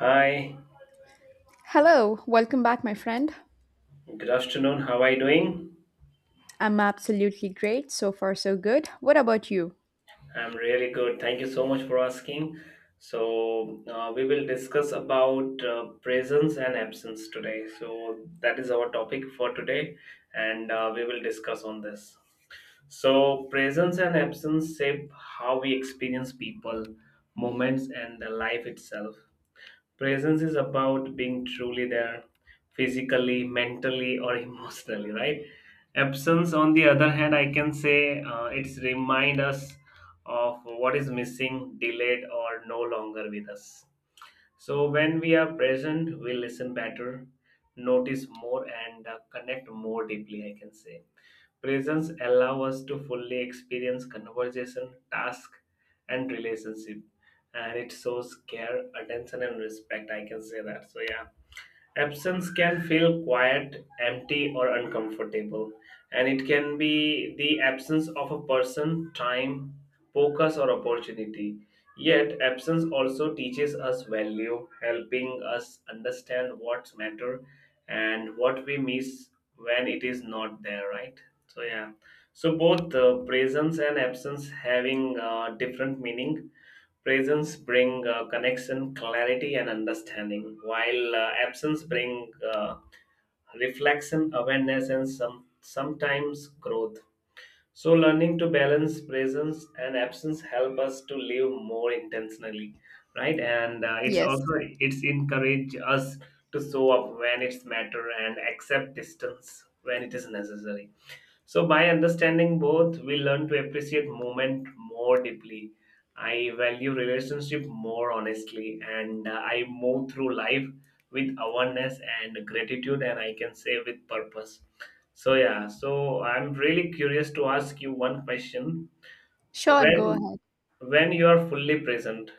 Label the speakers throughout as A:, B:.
A: Hi,
B: Hello, welcome back, my friend.
A: good afternoon. How are you doing?
B: I'm absolutely great. So far, so good. What about you?
A: I'm really good. Thank you so much for asking. So, we will discuss about presence and absence today. So, that is our topic for today, and we will discuss on this. So, presence and absence shape how we experience people, moments, and the life itself. Presence is about being truly there, physically, mentally, or emotionally, right? Absence, on the other hand, I can say it's remind us of what is missing, delayed, or no longer with us. So when we are present, we listen better, notice more, and connect more deeply, I can say. Presence allow us to fully experience conversation, task, and relationship, and it shows care, attention, and respect. I can say that. So yeah. Absence can feel quiet, empty, or uncomfortable, and it can be the absence of a person, time, focus, or opportunity. Yet, absence also teaches us value, helping us understand what's matter and what we miss when it is not there, right? So, yeah. So, both presence and absence having different meaning. Presence bring connection, clarity, and understanding, while absence bring reflection, awareness, and sometimes growth. So, learning to balance presence and absence help us to live more intentionally, right? And it's
B: Yes,
A: also it's encourage us to show up when it's matter and accept distance when it is necessary. So, by understanding both, we learn to appreciate moment more deeply. I value relationship more honestly, and I move through life with awareness and gratitude, and I can say with purpose. So, yeah. So, I'm really curious to ask you one question.
B: sure, go
A: When
B: ahead.
A: when you are fully present,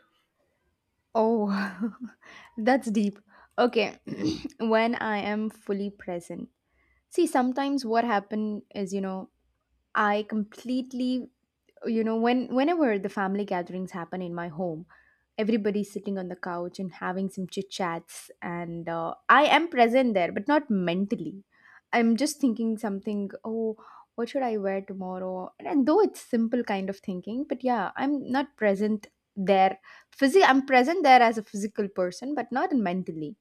B: Oh, that's deep. Okay, when I am fully present. See, sometimes what happen is, you know, I completely, whenever the family gatherings happen in my home, everybody's sitting on the couch and having some chit chats and I am present there but not mentally. I'm just thinking something. Oh, what should I wear tomorrow? And though it's simple kind of thinking, but yeah, I'm not present there. I'm present there as a physical person but not mentally.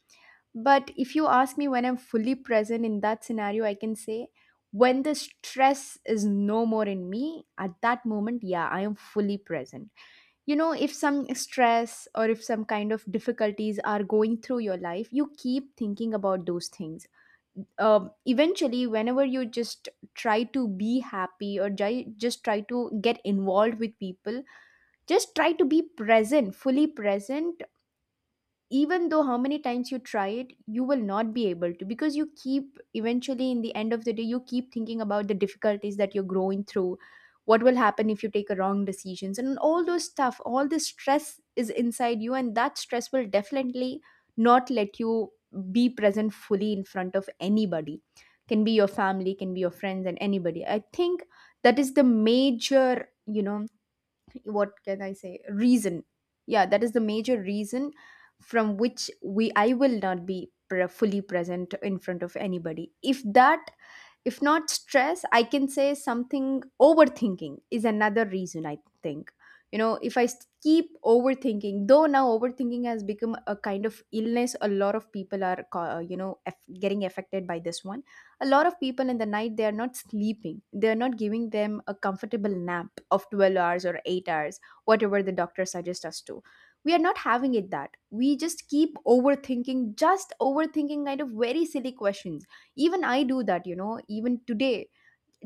B: But if you ask me when I'm fully present in that scenario, I can say when the stress is no more in me, at that moment, yeah, I am fully present. You know, if some stress or if some kind of difficulties are going through your life, you keep thinking about those things. Eventually, whenever you just try to be happy or just try to get involved with people, just try to be present, fully present, even though how many times you try it, you will not be able to, because you keep eventually in the end of the day you keep thinking about the difficulties that you're growing through. What will happen if you take a wrong decisions, and all those stuff, all the stress is inside you, and that stress will definitely not let you be present fully in front of anybody. Can be your family, can be your friends and anybody, I think. That is the major, you know, what can I say? Reason. Yeah, that is the major reason from which we I will not be fully present in front of anybody. If that, if not stress, I can say something, overthinking is another reason I think. You know, if I keep overthinking, though now overthinking has become a kind of illness, a lot of people are, you know, getting affected by this one. A lot of people in the night, they are not sleeping. They are not giving them a comfortable nap of 12 hours or 8 hours, whatever the doctor suggests us to, we are not having it. That we just keep overthinking, just overthinking, kind of very silly questions, even I do that, you know, even today.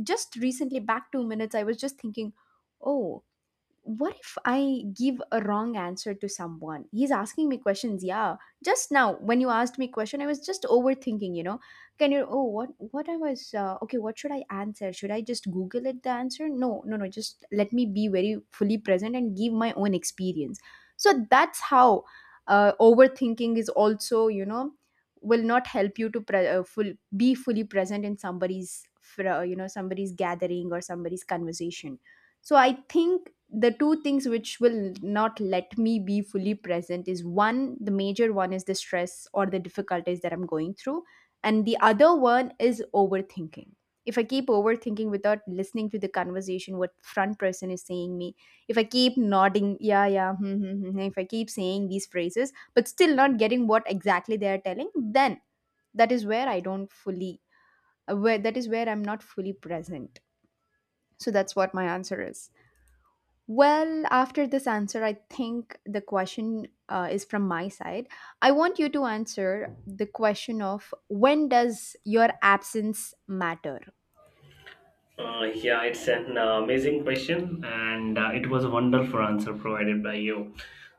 B: Just recently, back 2 minutes, I was just thinking, oh, what if I give a wrong answer to someone? He's asking me questions. Yeah, just now when you asked me question, I was just overthinking, you know. Can you, oh, what I was, okay, what should I answer? Should I just google it, the answer? No, no, no, just let me be very fully present and give my own experience. So that's how overthinking is also, you know, will not help you to be fully present in somebody's you know, somebody's gathering or somebody's conversation. So I think the two things which will not let me be fully present is one, the major one is the stress or the difficulties that I'm going through, and the other one is overthinking. If I keep overthinking without listening to the conversation, what front person is saying me, if I keep nodding, yeah, yeah, hmm, hmm, hmm, hmm, if I keep saying these phrases but still not getting what exactly they are telling, then that is where I don't fully, where that is where I'm not fully present. So that's what my answer is. Well, after this answer, I think the question is from my side. I want you to answer the question of when does your absence matter?
A: Yeah, it's an amazing question, and it was a wonderful answer provided by you.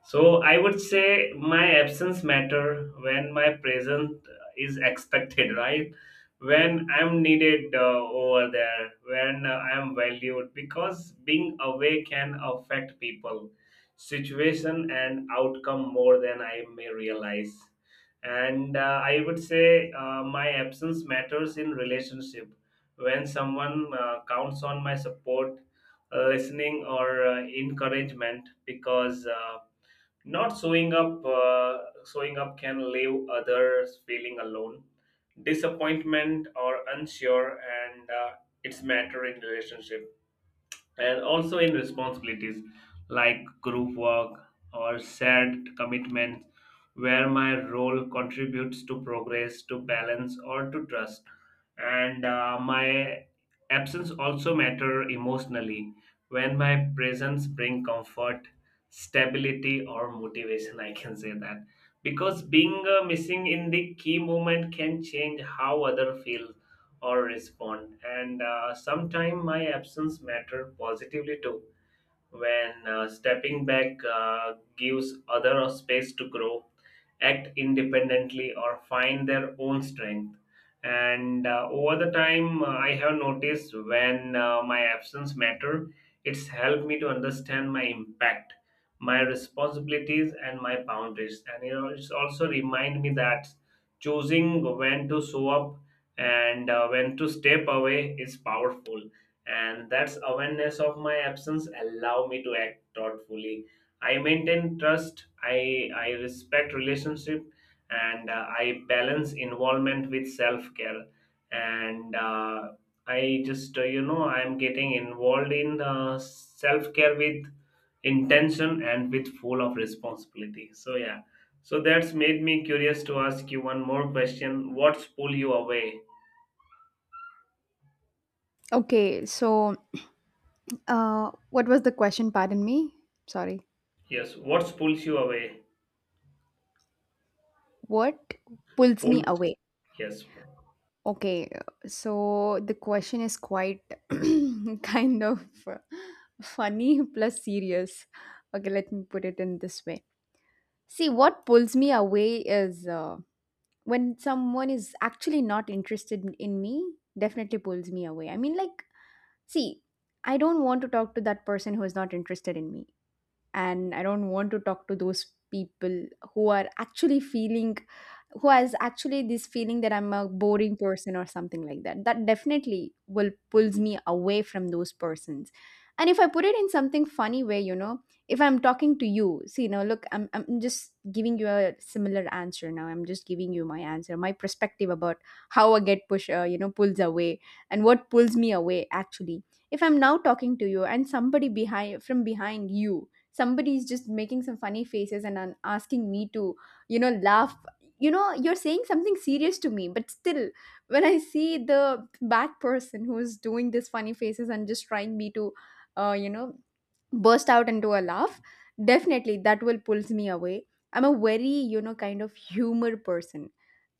A: So I would say my absence matter when my presence is expected, right? When I'm needed over there, when I'm valued, because being away can affect people, situation, and outcome more than I may realize. And I would say my absence matters in relationship when someone counts on my support, listening, or encouragement, because not showing up can leave others feeling alone, disappointment, or unsure, and it's matter in relationship and also in responsibilities like group work or shared commitments where my role contributes to progress to balance or to trust and my absence also matter emotionally when my presence bring comfort, stability, or motivation, I can say that, because being missing in the key moment can change how other feel or respond. And sometimes my absence mattered positively too, when stepping back gives other a space to grow, act independently, or find their own strength. And over the time, I have noticed when my absence matter, it's helped me to understand my impact, my responsibilities, and my boundaries. And it's also remind me that choosing when to show up and when to step away is powerful, and that's awareness of my absence allow me to act thoughtfully. I maintain trust, I respect relationship, and I balance involvement with self care. And I just I'm getting involved in self care with intention and with full of responsibility. So yeah, so that's made me curious to ask you one more question. What's pull you away?
B: Okay, so what was the question? Pardon me. Sorry.
A: Yes, what's pulls you away?
B: What pulls me
A: Pulls?
B: away?
A: Yes.
B: Okay, so the question is quite kind of funny plus serious. Okay, let me put it in this way. See, what pulls me away is. When someone is actually not interested in me, definitely pulls me away. I mean, like, see, I don't want to talk to that person who is not interested in me, and I don't want to talk to those people who are actually feeling, who has actually this feeling that I'm a boring person or something like that. That definitely will pulls me away from those persons. And if I put it in something funny way, you know, if I'm talking to you, see, you know, look, I'm just giving you a similar answer. Now I'm just giving you my answer, my perspective about how a get push, you know, pulls away. And what pulls me away actually, if I'm now talking to you and somebody behind, from behind you somebody is just making some funny faces and asking me to, you know, laugh. You know, you're saying something serious to me, but still when I see the bad person who's doing these funny faces and just trying me to, you know, burst out into a laugh, definitely that will pulls me away. I'm a very, you know, kind of humor person.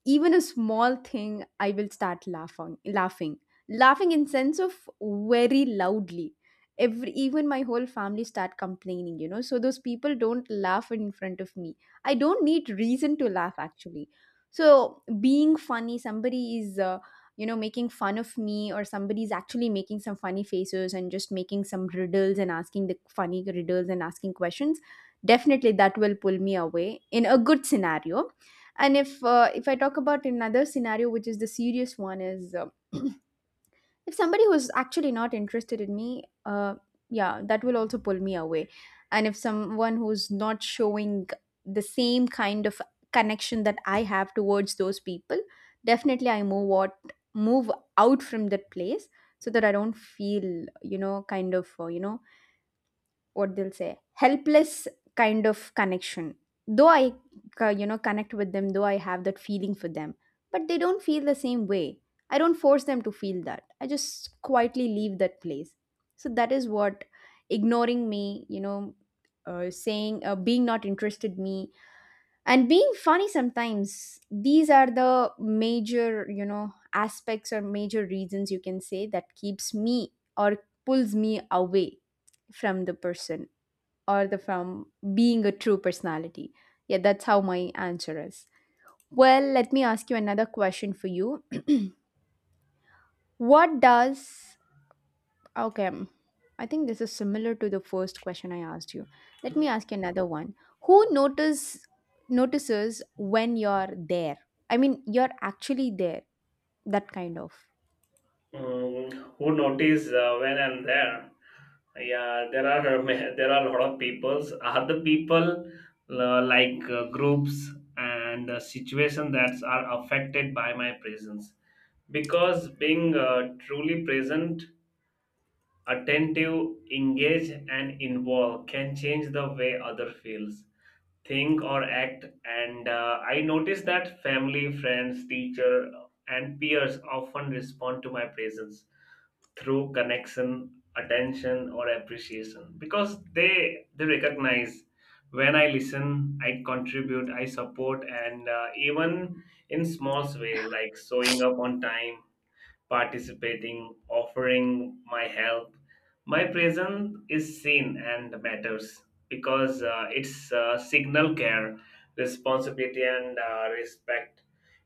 B: Even a small thing I will start laughing, laughing, laughing, in sense of very loudly. Every, even my whole family start complaining, you know, so those people don't laugh in front of me. I don't need reason to laugh actually. So being funny, somebody is, you know, making fun of me, or somebody is actually making some funny faces and just making some riddles and asking the funny riddles and asking questions. Definitely that will pull me away, in a good scenario. And if if I talk about another scenario, which is the serious one, is if somebody who's actually not interested in me, yeah, that will also pull me away. And if someone who's not showing the same kind of connection that I have towards those people, definitely I move, what, move out from that place, so that I don't feel, you know, kind of, you know, what they'll say, helpless kind of connection. Though I, you know, connect with them, though I have that feeling for them, but they don't feel the same way. I don't force them to feel that. I just quietly leave that place. So that is what. Ignoring me, you know, saying, being not interested me, and being funny sometimes, these are the major, you know, aspects or major reasons, you can say, that keeps me or pulls me away from the person, or the from being a true personality. Yeah, that's how my answer is. Well, let me ask you another question for you. what does Okay, I think this is similar to the first question I asked you. Let me ask you another one. Who notices when you're there? I mean, you're actually there. That kind of.
A: Mm, who notice when I'm there? Yeah, there are there are a lot of peoples. Other people like groups and situation that are affected by my presence, because being truly present, attentive, engaged, and involved can change the way other feels, think, or act. And I notice that family, friends, teacher, and peers often respond to my presence through connection, attention, or appreciation, because they recognize when I listen, I contribute, I support. And even in small way like showing up on time, participating, offering my help. My presence is seen and matters, because it's signal care, responsibility, and respect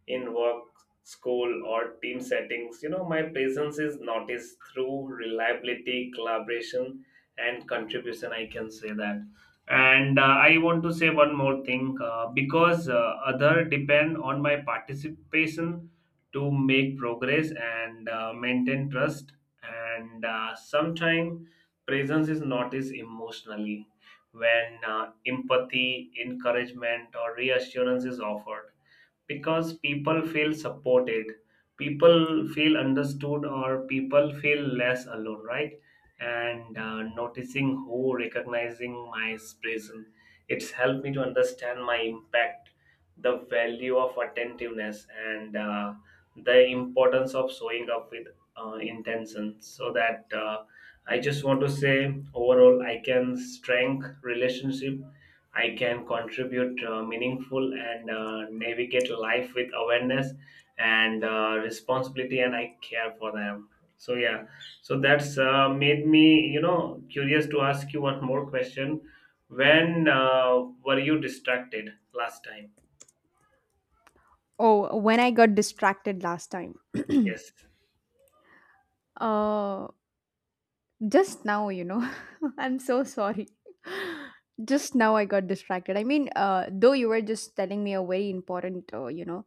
A: in work, school, or team settings. You know, my presence is noticed through reliability, collaboration, and contribution. I can say that. And I want to say one more thing because other depend on my participation to make progress and maintain trust. And sometimes presence is noticed emotionally when empathy, encouragement, or reassurance is offered, because people feel supported, people feel understood, or people feel less alone, right? And noticing who recognizing my presence, it's helped me to understand my impact, the value of attentiveness, and the importance of showing up with intention. So that I just want to say overall I can strengthen relationship, I can contribute meaningful, and navigate life with awareness and responsibility, and I care for them. So yeah, so that's made me you know curious to ask you one more question. When were you distracted last time?
B: Oh, when I got distracted last time.
A: Yes.
B: uh Just now, you know, I'm so sorry. Just now I got distracted. I mean, though you were just telling me a very important, you know,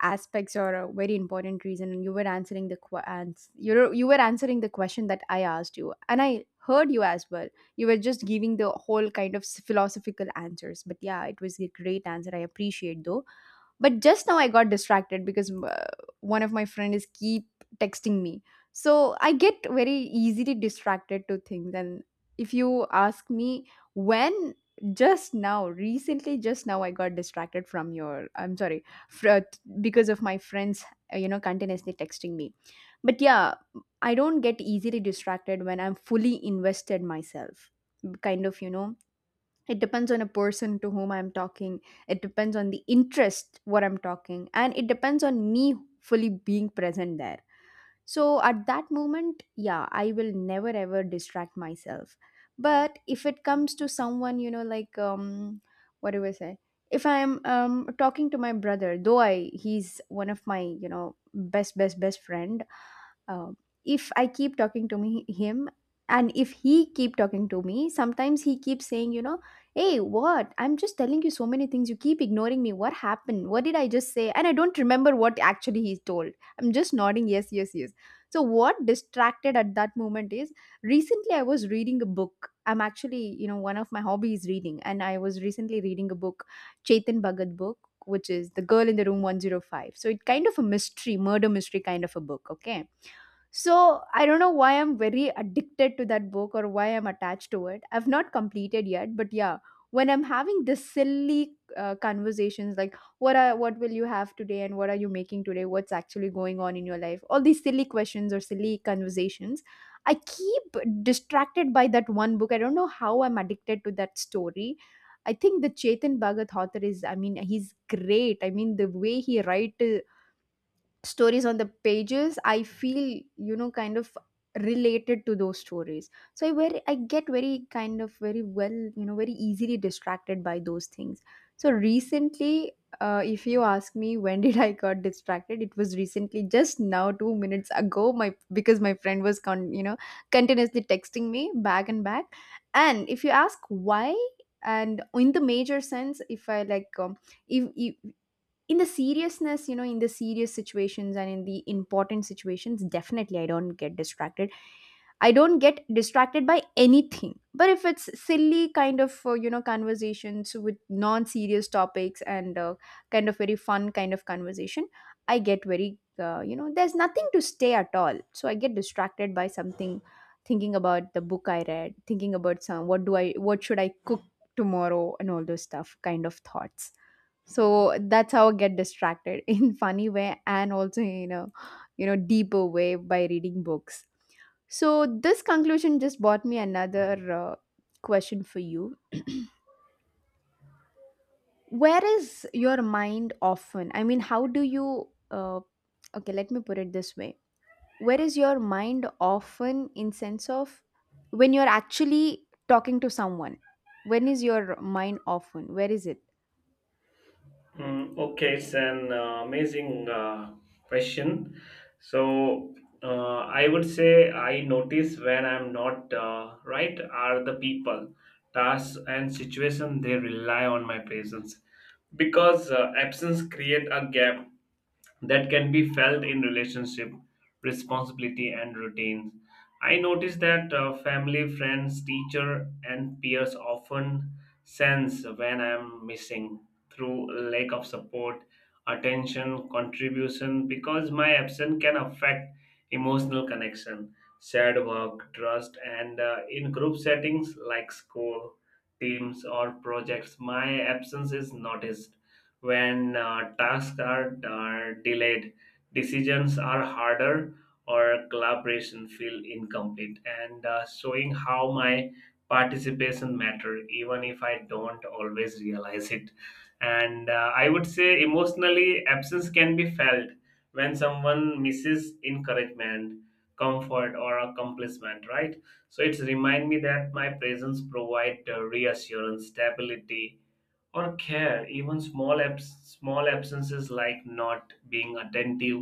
B: aspects or a very important reason, and you were answering the you were answering the question that I asked you, and I heard you as well. You were just giving the whole kind of philosophical answers, but yeah, it was a great answer. I appreciate though. But just now I got distracted because one of my friend is keep texting me, so I get very easily distracted to things. And if you ask me when, just now recently, just now I got distracted from your, I'm sorry, fr- because of my friends, you know, continuously texting me. But yeah, I don't get easily distracted when I'm fully invested myself, kind of, you know. It depends on a person to whom I'm talking. It depends on the interest what I'm talking, and it depends on me fully being present there. So at that moment, yeah, I will never ever distract myself. But if it comes to someone, you know, like, what do I say, if I'm talking to my brother, though I he's one of my, you know, best best best friend, uh, if I keep talking to me him, and if he keep talking to me, sometimes he keeps saying, you know, hey, what, I'm just telling you so many things, you keep ignoring me, what happened, what did I just say? And I don't remember what actually he told. I'm just nodding, yes, yes, yes. So what distracted at that moment is, recently I was reading a book. I'm actually, you know, one of my hobbies is reading, and I was recently reading a book, Chetan Bhagat book, which is The Girl in the Room 105. So it kind of a mystery, murder mystery kind of a book, okay. So I don't know why I'm very addicted to that book or why I'm attached to it. I've not completed yet, but yeah, when I'm having this silly conversations like what will you have today and what are you making today? What's actually going on in your life? All these silly questions or silly conversations. I keep distracted by that one book. I don't know how I'm addicted to that story. I think the Chetan Bhagat author is, I mean, he's great. I mean, the way he writes stories on the pages, I feel, you know, kind of related to those stories. So I get very kind of very well, you know, very easily distracted by those things. So recently, if you ask me when did I got distracted, it was recently just now 2 minutes ago, my, because my friend was continuously texting me back and back. And if you ask why, and in the major sense, if I like, if in the seriousness, you know, in the serious situations and in the important situations, definitely I don't get distracted. I don't get distracted by anything. But if it's silly kind of, you know, conversations with non serious topics, and kind of very fun kind of conversation, I get very, you know, there's nothing to stay at all, so I get distracted by something, thinking about the book I read, thinking about some, what should I cook tomorrow, and all those stuff kind of thoughts. So that's how I get distracted in funny way, and also in a, you know, deeper way by reading books. So this conclusion just brought me another, question for you. Where is your mind often? I mean, how do you, okay, let me put it this way. Where is your mind often, in sense of when you're actually talking to someone, when is your mind often, where is it?
A: Mm, okay, it's an amazing question. So, I would say I notice when I'm not right are the people, tasks, and situation they rely on my presence, because absence create a gap that can be felt in relationship, responsibility, and routines. I notice that family, friends, teacher, and peers often sense when I'm missing through lack of support, attention, contribution, because my absence can affect emotional connection, shared work, trust. And in group settings like school, teams, or projects, my absence is noticed when tasks are delayed, decisions are harder, or collaboration feel incomplete, and showing how my participation matter even if I don't always realize it. And I would say emotionally absence can be felt when someone misses encouragement, comfort, or accomplishment, right? So it's remind me that my presence provide reassurance, stability, or care. Even small absences like not being attentive,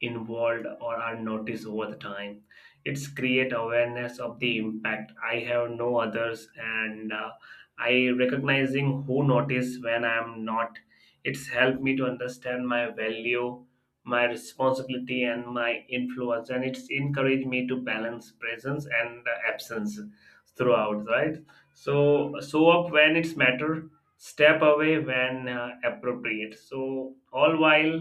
A: involved, or are noticed over the time, it's create awareness of the impact I have no others. And I recognizing who notice when I am not, it's helped me to understand my value, my responsibility, and my influence, and it's encouraged me to balance presence and absence throughout, right? So show up when it's matter, step away when appropriate, so all while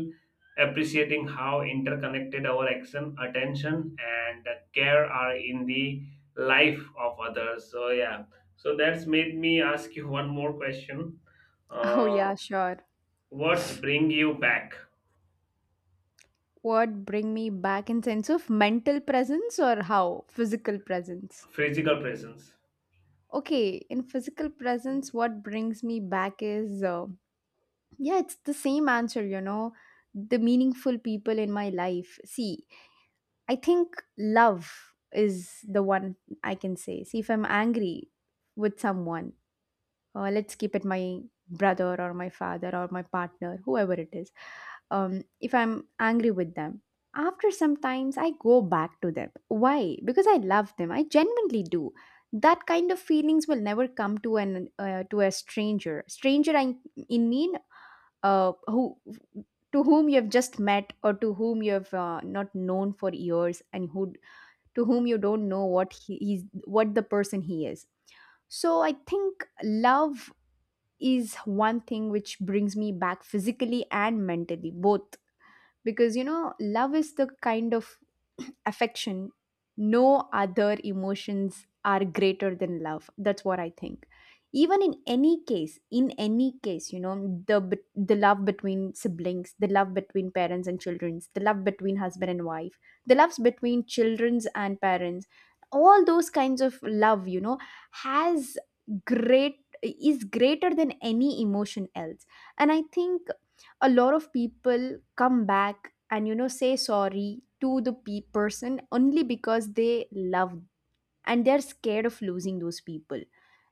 A: appreciating how interconnected our action, attention, and care are in the life of others. So, yeah, so that's made me ask you one more question.
B: Oh,
A: Uh,
B: yeah, sure.
A: what's bring you back?
B: What bring me back, in sense of mental presence or how physical presence?
A: Physical presence.
B: Okay, in physical presence, what brings me back is, yeah, it's the same answer. You know, the meaningful people in my life. See, I think love is the one, I can say. See, if I'm angry with someone, let's keep it my brother or my father or my partner, whoever it is. If I'm angry with them, after sometimes I go back to them. Why? Because I love them, I genuinely do. That kind of feelings will never come to an, to a stranger. Stranger i in mean, who, to whom you have just met, or to whom you have, not known for years, and who, to whom you don't know what he's, what the person he is. So I think love is one thing which brings me back physically and mentally both. Because, you know, love is the kind of affection. No other emotions are greater than love, that's what I think. Even in any case, in any case, you know, the love between siblings, the love between parents and children, the love between husband and wife, the loves between childrens and parents, all those kinds of love, you know, has great is greater than any emotion else. And I think a lot of people come back and, you know, say sorry to the person only because they love, and they're scared of losing those people.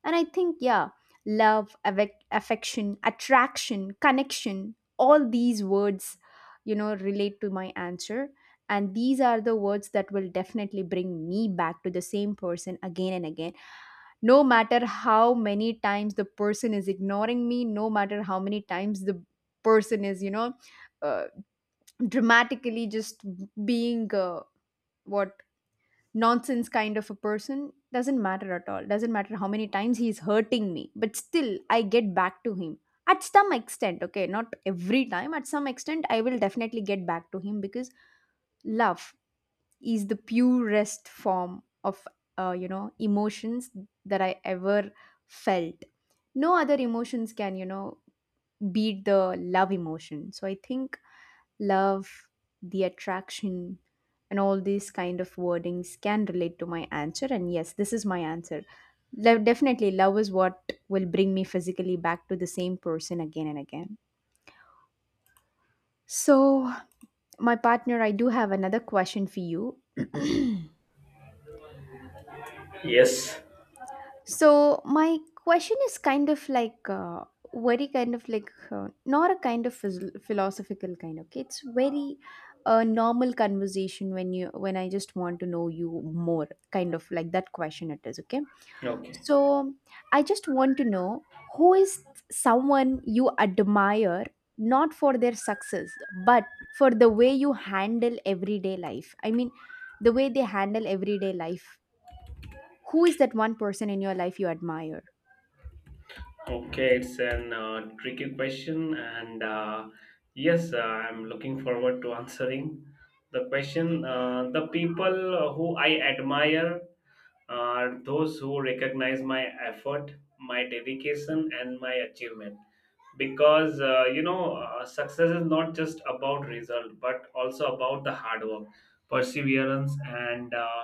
B: And I think, yeah, love, affection, attraction, connection, all these words, you know, relate to my answer. And these are the words that will definitely bring me back to the same person again and again, no matter how many times the person is ignoring me, no matter how many times the person is, you know, uh, dramatically just being, what, nonsense kind of a person, doesn't matter at all, doesn't matter how many times he's hurting me, but still I get back to him at some extent. Okay, not every time, at some extent I will definitely get back to him, because love is the purest form of, you know, emotions that I ever felt. No other emotions can, you know, beat the love emotion. So I think love, the attraction, and all these kind of wordings can relate to my answer. And yes, this is my answer. Love, definitely love is what will bring me physically back to the same person again and again. So, my partner, I do have another question for you.
A: Yes.
B: So my question is kind of like, very kind of like, not a kind of philosophical kind. Okay, it's very, normal conversation, when I just want to know you more, kind of like that question it is. Okay,
A: Okay.
B: so I just want to know, who is someone you admire, not for their success, but for the way you handle everyday life. I mean, the way they handle everyday life. Who is that one person in your life you admire?
A: Okay, it's an tricky question, and yes, I'm looking forward to answering the question. The people who I admire are those who recognize my effort, my dedication, and my achievement. Because success is not just about result, but also about the hard work, perseverance, and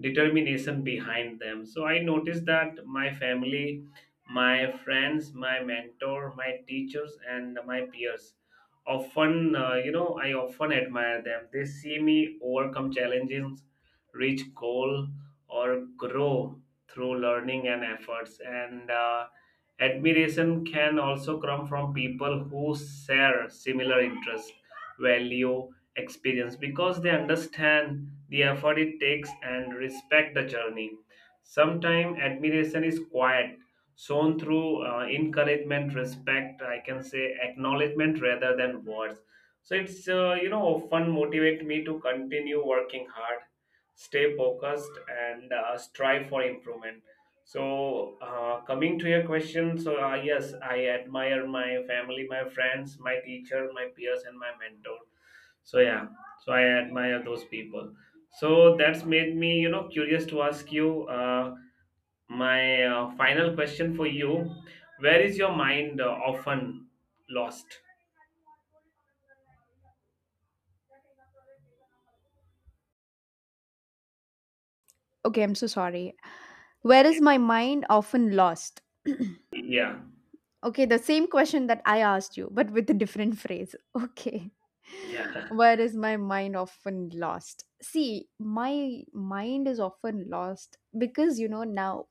A: determination behind them. So I noticed that my family, my friends, my mentor, my teachers, and my peers. Often, I often admire them. They see me overcome challenges, reach goal, or grow through learning and efforts. And admiration can also come from people who share similar interest, value, experience, because they understand the effort it takes and respect the journey. Sometimes admiration is quiet, shown through encouragement, respect, I can say acknowledgement rather than words. So it's often motivate me to continue working hard, stay focused, and strive for improvement. So coming to your question, so yes, I admire my family, my friends, my teacher, my peers, and my mentor. So yeah, so I admire those people. So that's made me you know curious to ask you my final question for you. Where is your mind often lost?
B: Okay, I'm so sorry. Where is my mind often lost?
A: Yeah.
B: Okay, the same question that I asked you, but with a different phrase. Okay.
A: Yeah.
B: Where is my mind often lost? See, my mind is often lost, because, you know, now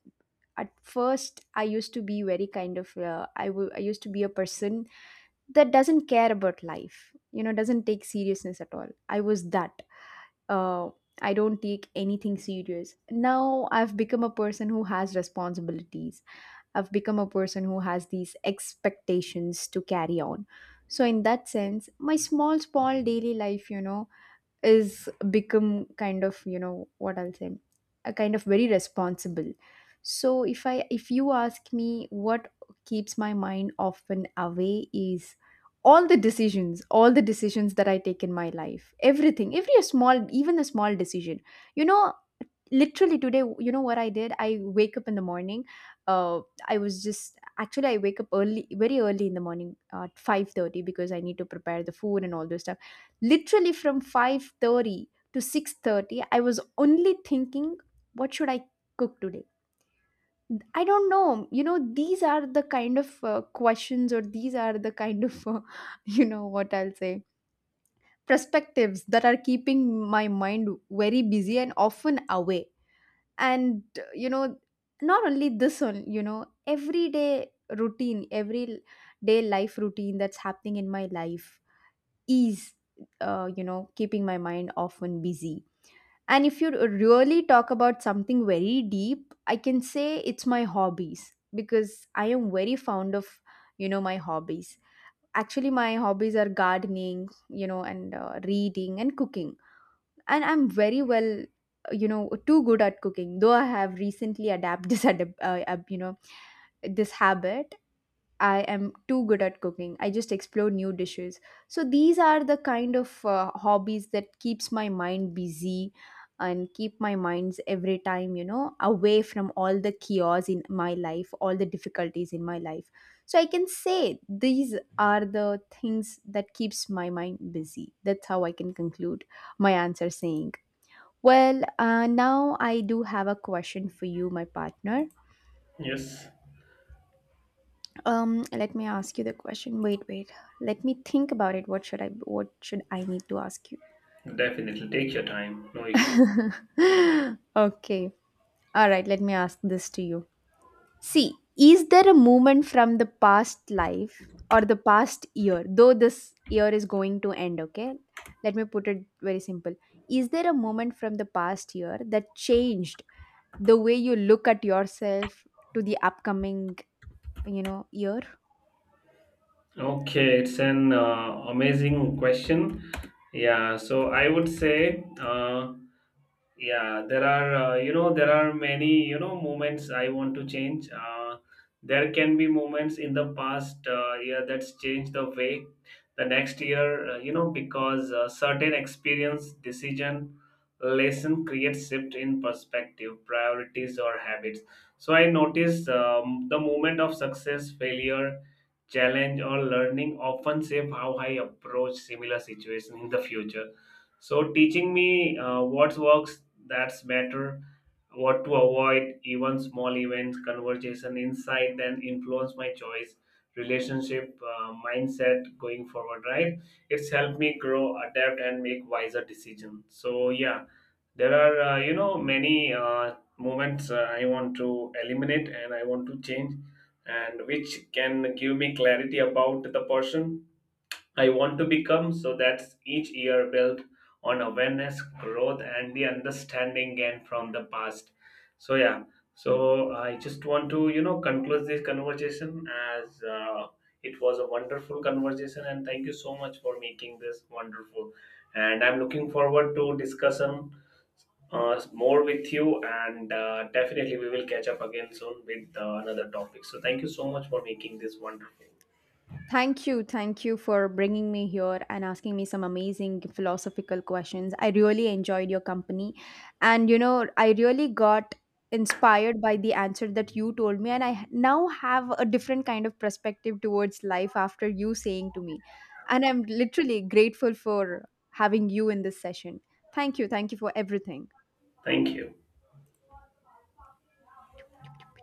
B: at first I used to be very kind of, I used to be a person that doesn't care about life. You know, doesn't take seriousness at all. I was that, uh, I don't take anything serious. Now I've become a person who has responsibilities. I've become a person who has these expectations to carry on. So, in that sense, my small, small daily life, you know, is become kind of, you know, what I'll say, a kind of very responsible. So, if you ask me what keeps my mind often away is all the decisions, all the decisions that I take in my life, everything, every small, even a small decision, you know. Literally today, you know what I did, I wake up in the morning, uh I was just, actually I wake up early, very early in the morning, at 5:30, because I need to prepare the food and all those stuff. Literally from 5:30 to 6:30 I was only thinking, what should I cook today? I don't know, you know, these are the kind of, questions, or these are the kind of, you know, what I'll say, perspectives that are keeping my mind very busy and often away. And, you know, not only this one, you know, everyday routine, every day life routine that's happening in my life is, you know, keeping my mind often busy. And if you really talk about something very deep, I can say it's my hobbies, because I am very fond of, you know, my hobbies. Actually, my hobbies are gardening, you know, and, reading and cooking. And I'm very well, you know, too good at cooking, though I have recently adapted this you know, this habit. I am too good at cooking, I just explore new dishes. So these are the kind of, hobbies that keeps my mind busy, and keep my minds every time, you know, away from all the chaos in my life, all the difficulties in my life. So I can say these are the things that keeps my mind busy. That's how I can conclude my answer, saying, well, now I do have a question for you, my partner.
A: Yes,
B: Let me ask you the question. Wait, wait. Let me think about it. What should I? What should I need to ask you?
A: definitely. Take your time. No issue.
B: Okay. All right. Let me ask this to you. See, is there a moment from the past life, or the past year, though this year is going to end, okay? Let me put it very simple. Is there a moment from the past year that changed the way you look at yourself to the upcoming, you know, year?
A: Okay, it's an amazing question. Yeah, so I would say yeah, there are, there are many, you know, moments I want to change. There can be moments in the past year that's changed the way the next year, because certain experience, decision, lesson creates shift in perspective, priorities, or habits. So I notice the moment of success, failure, challenge, or learning often shape how I approach similar situation in the future, so teaching me what works that's better, what to avoid, even small events, conversation, insight, then influence my choice, relationship, mindset going forward. Right? It's helped me grow, adapt, and make wiser decisions. So yeah, there are many moments I want to eliminate and I want to change, and which can give me clarity about the person I want to become, so that's each year built on awareness, growth, and the understanding gained from the past. So yeah, so I just want to you know conclude this conversation as it was a wonderful conversation, and thank you so much for making this wonderful. And I'm looking forward to discussion more with you, and definitely we will catch up again soon with another topic. So thank you so much for making this wonderful.
B: Thank you. Thank you for bringing me here and asking me some amazing philosophical questions. I really enjoyed your company. And, you know, I really got inspired by the answer that you told me. And I now have a different kind of perspective towards life after you saying to me. And I'm literally grateful for having you in this session. Thank you. Thank you for everything.
A: Thank you.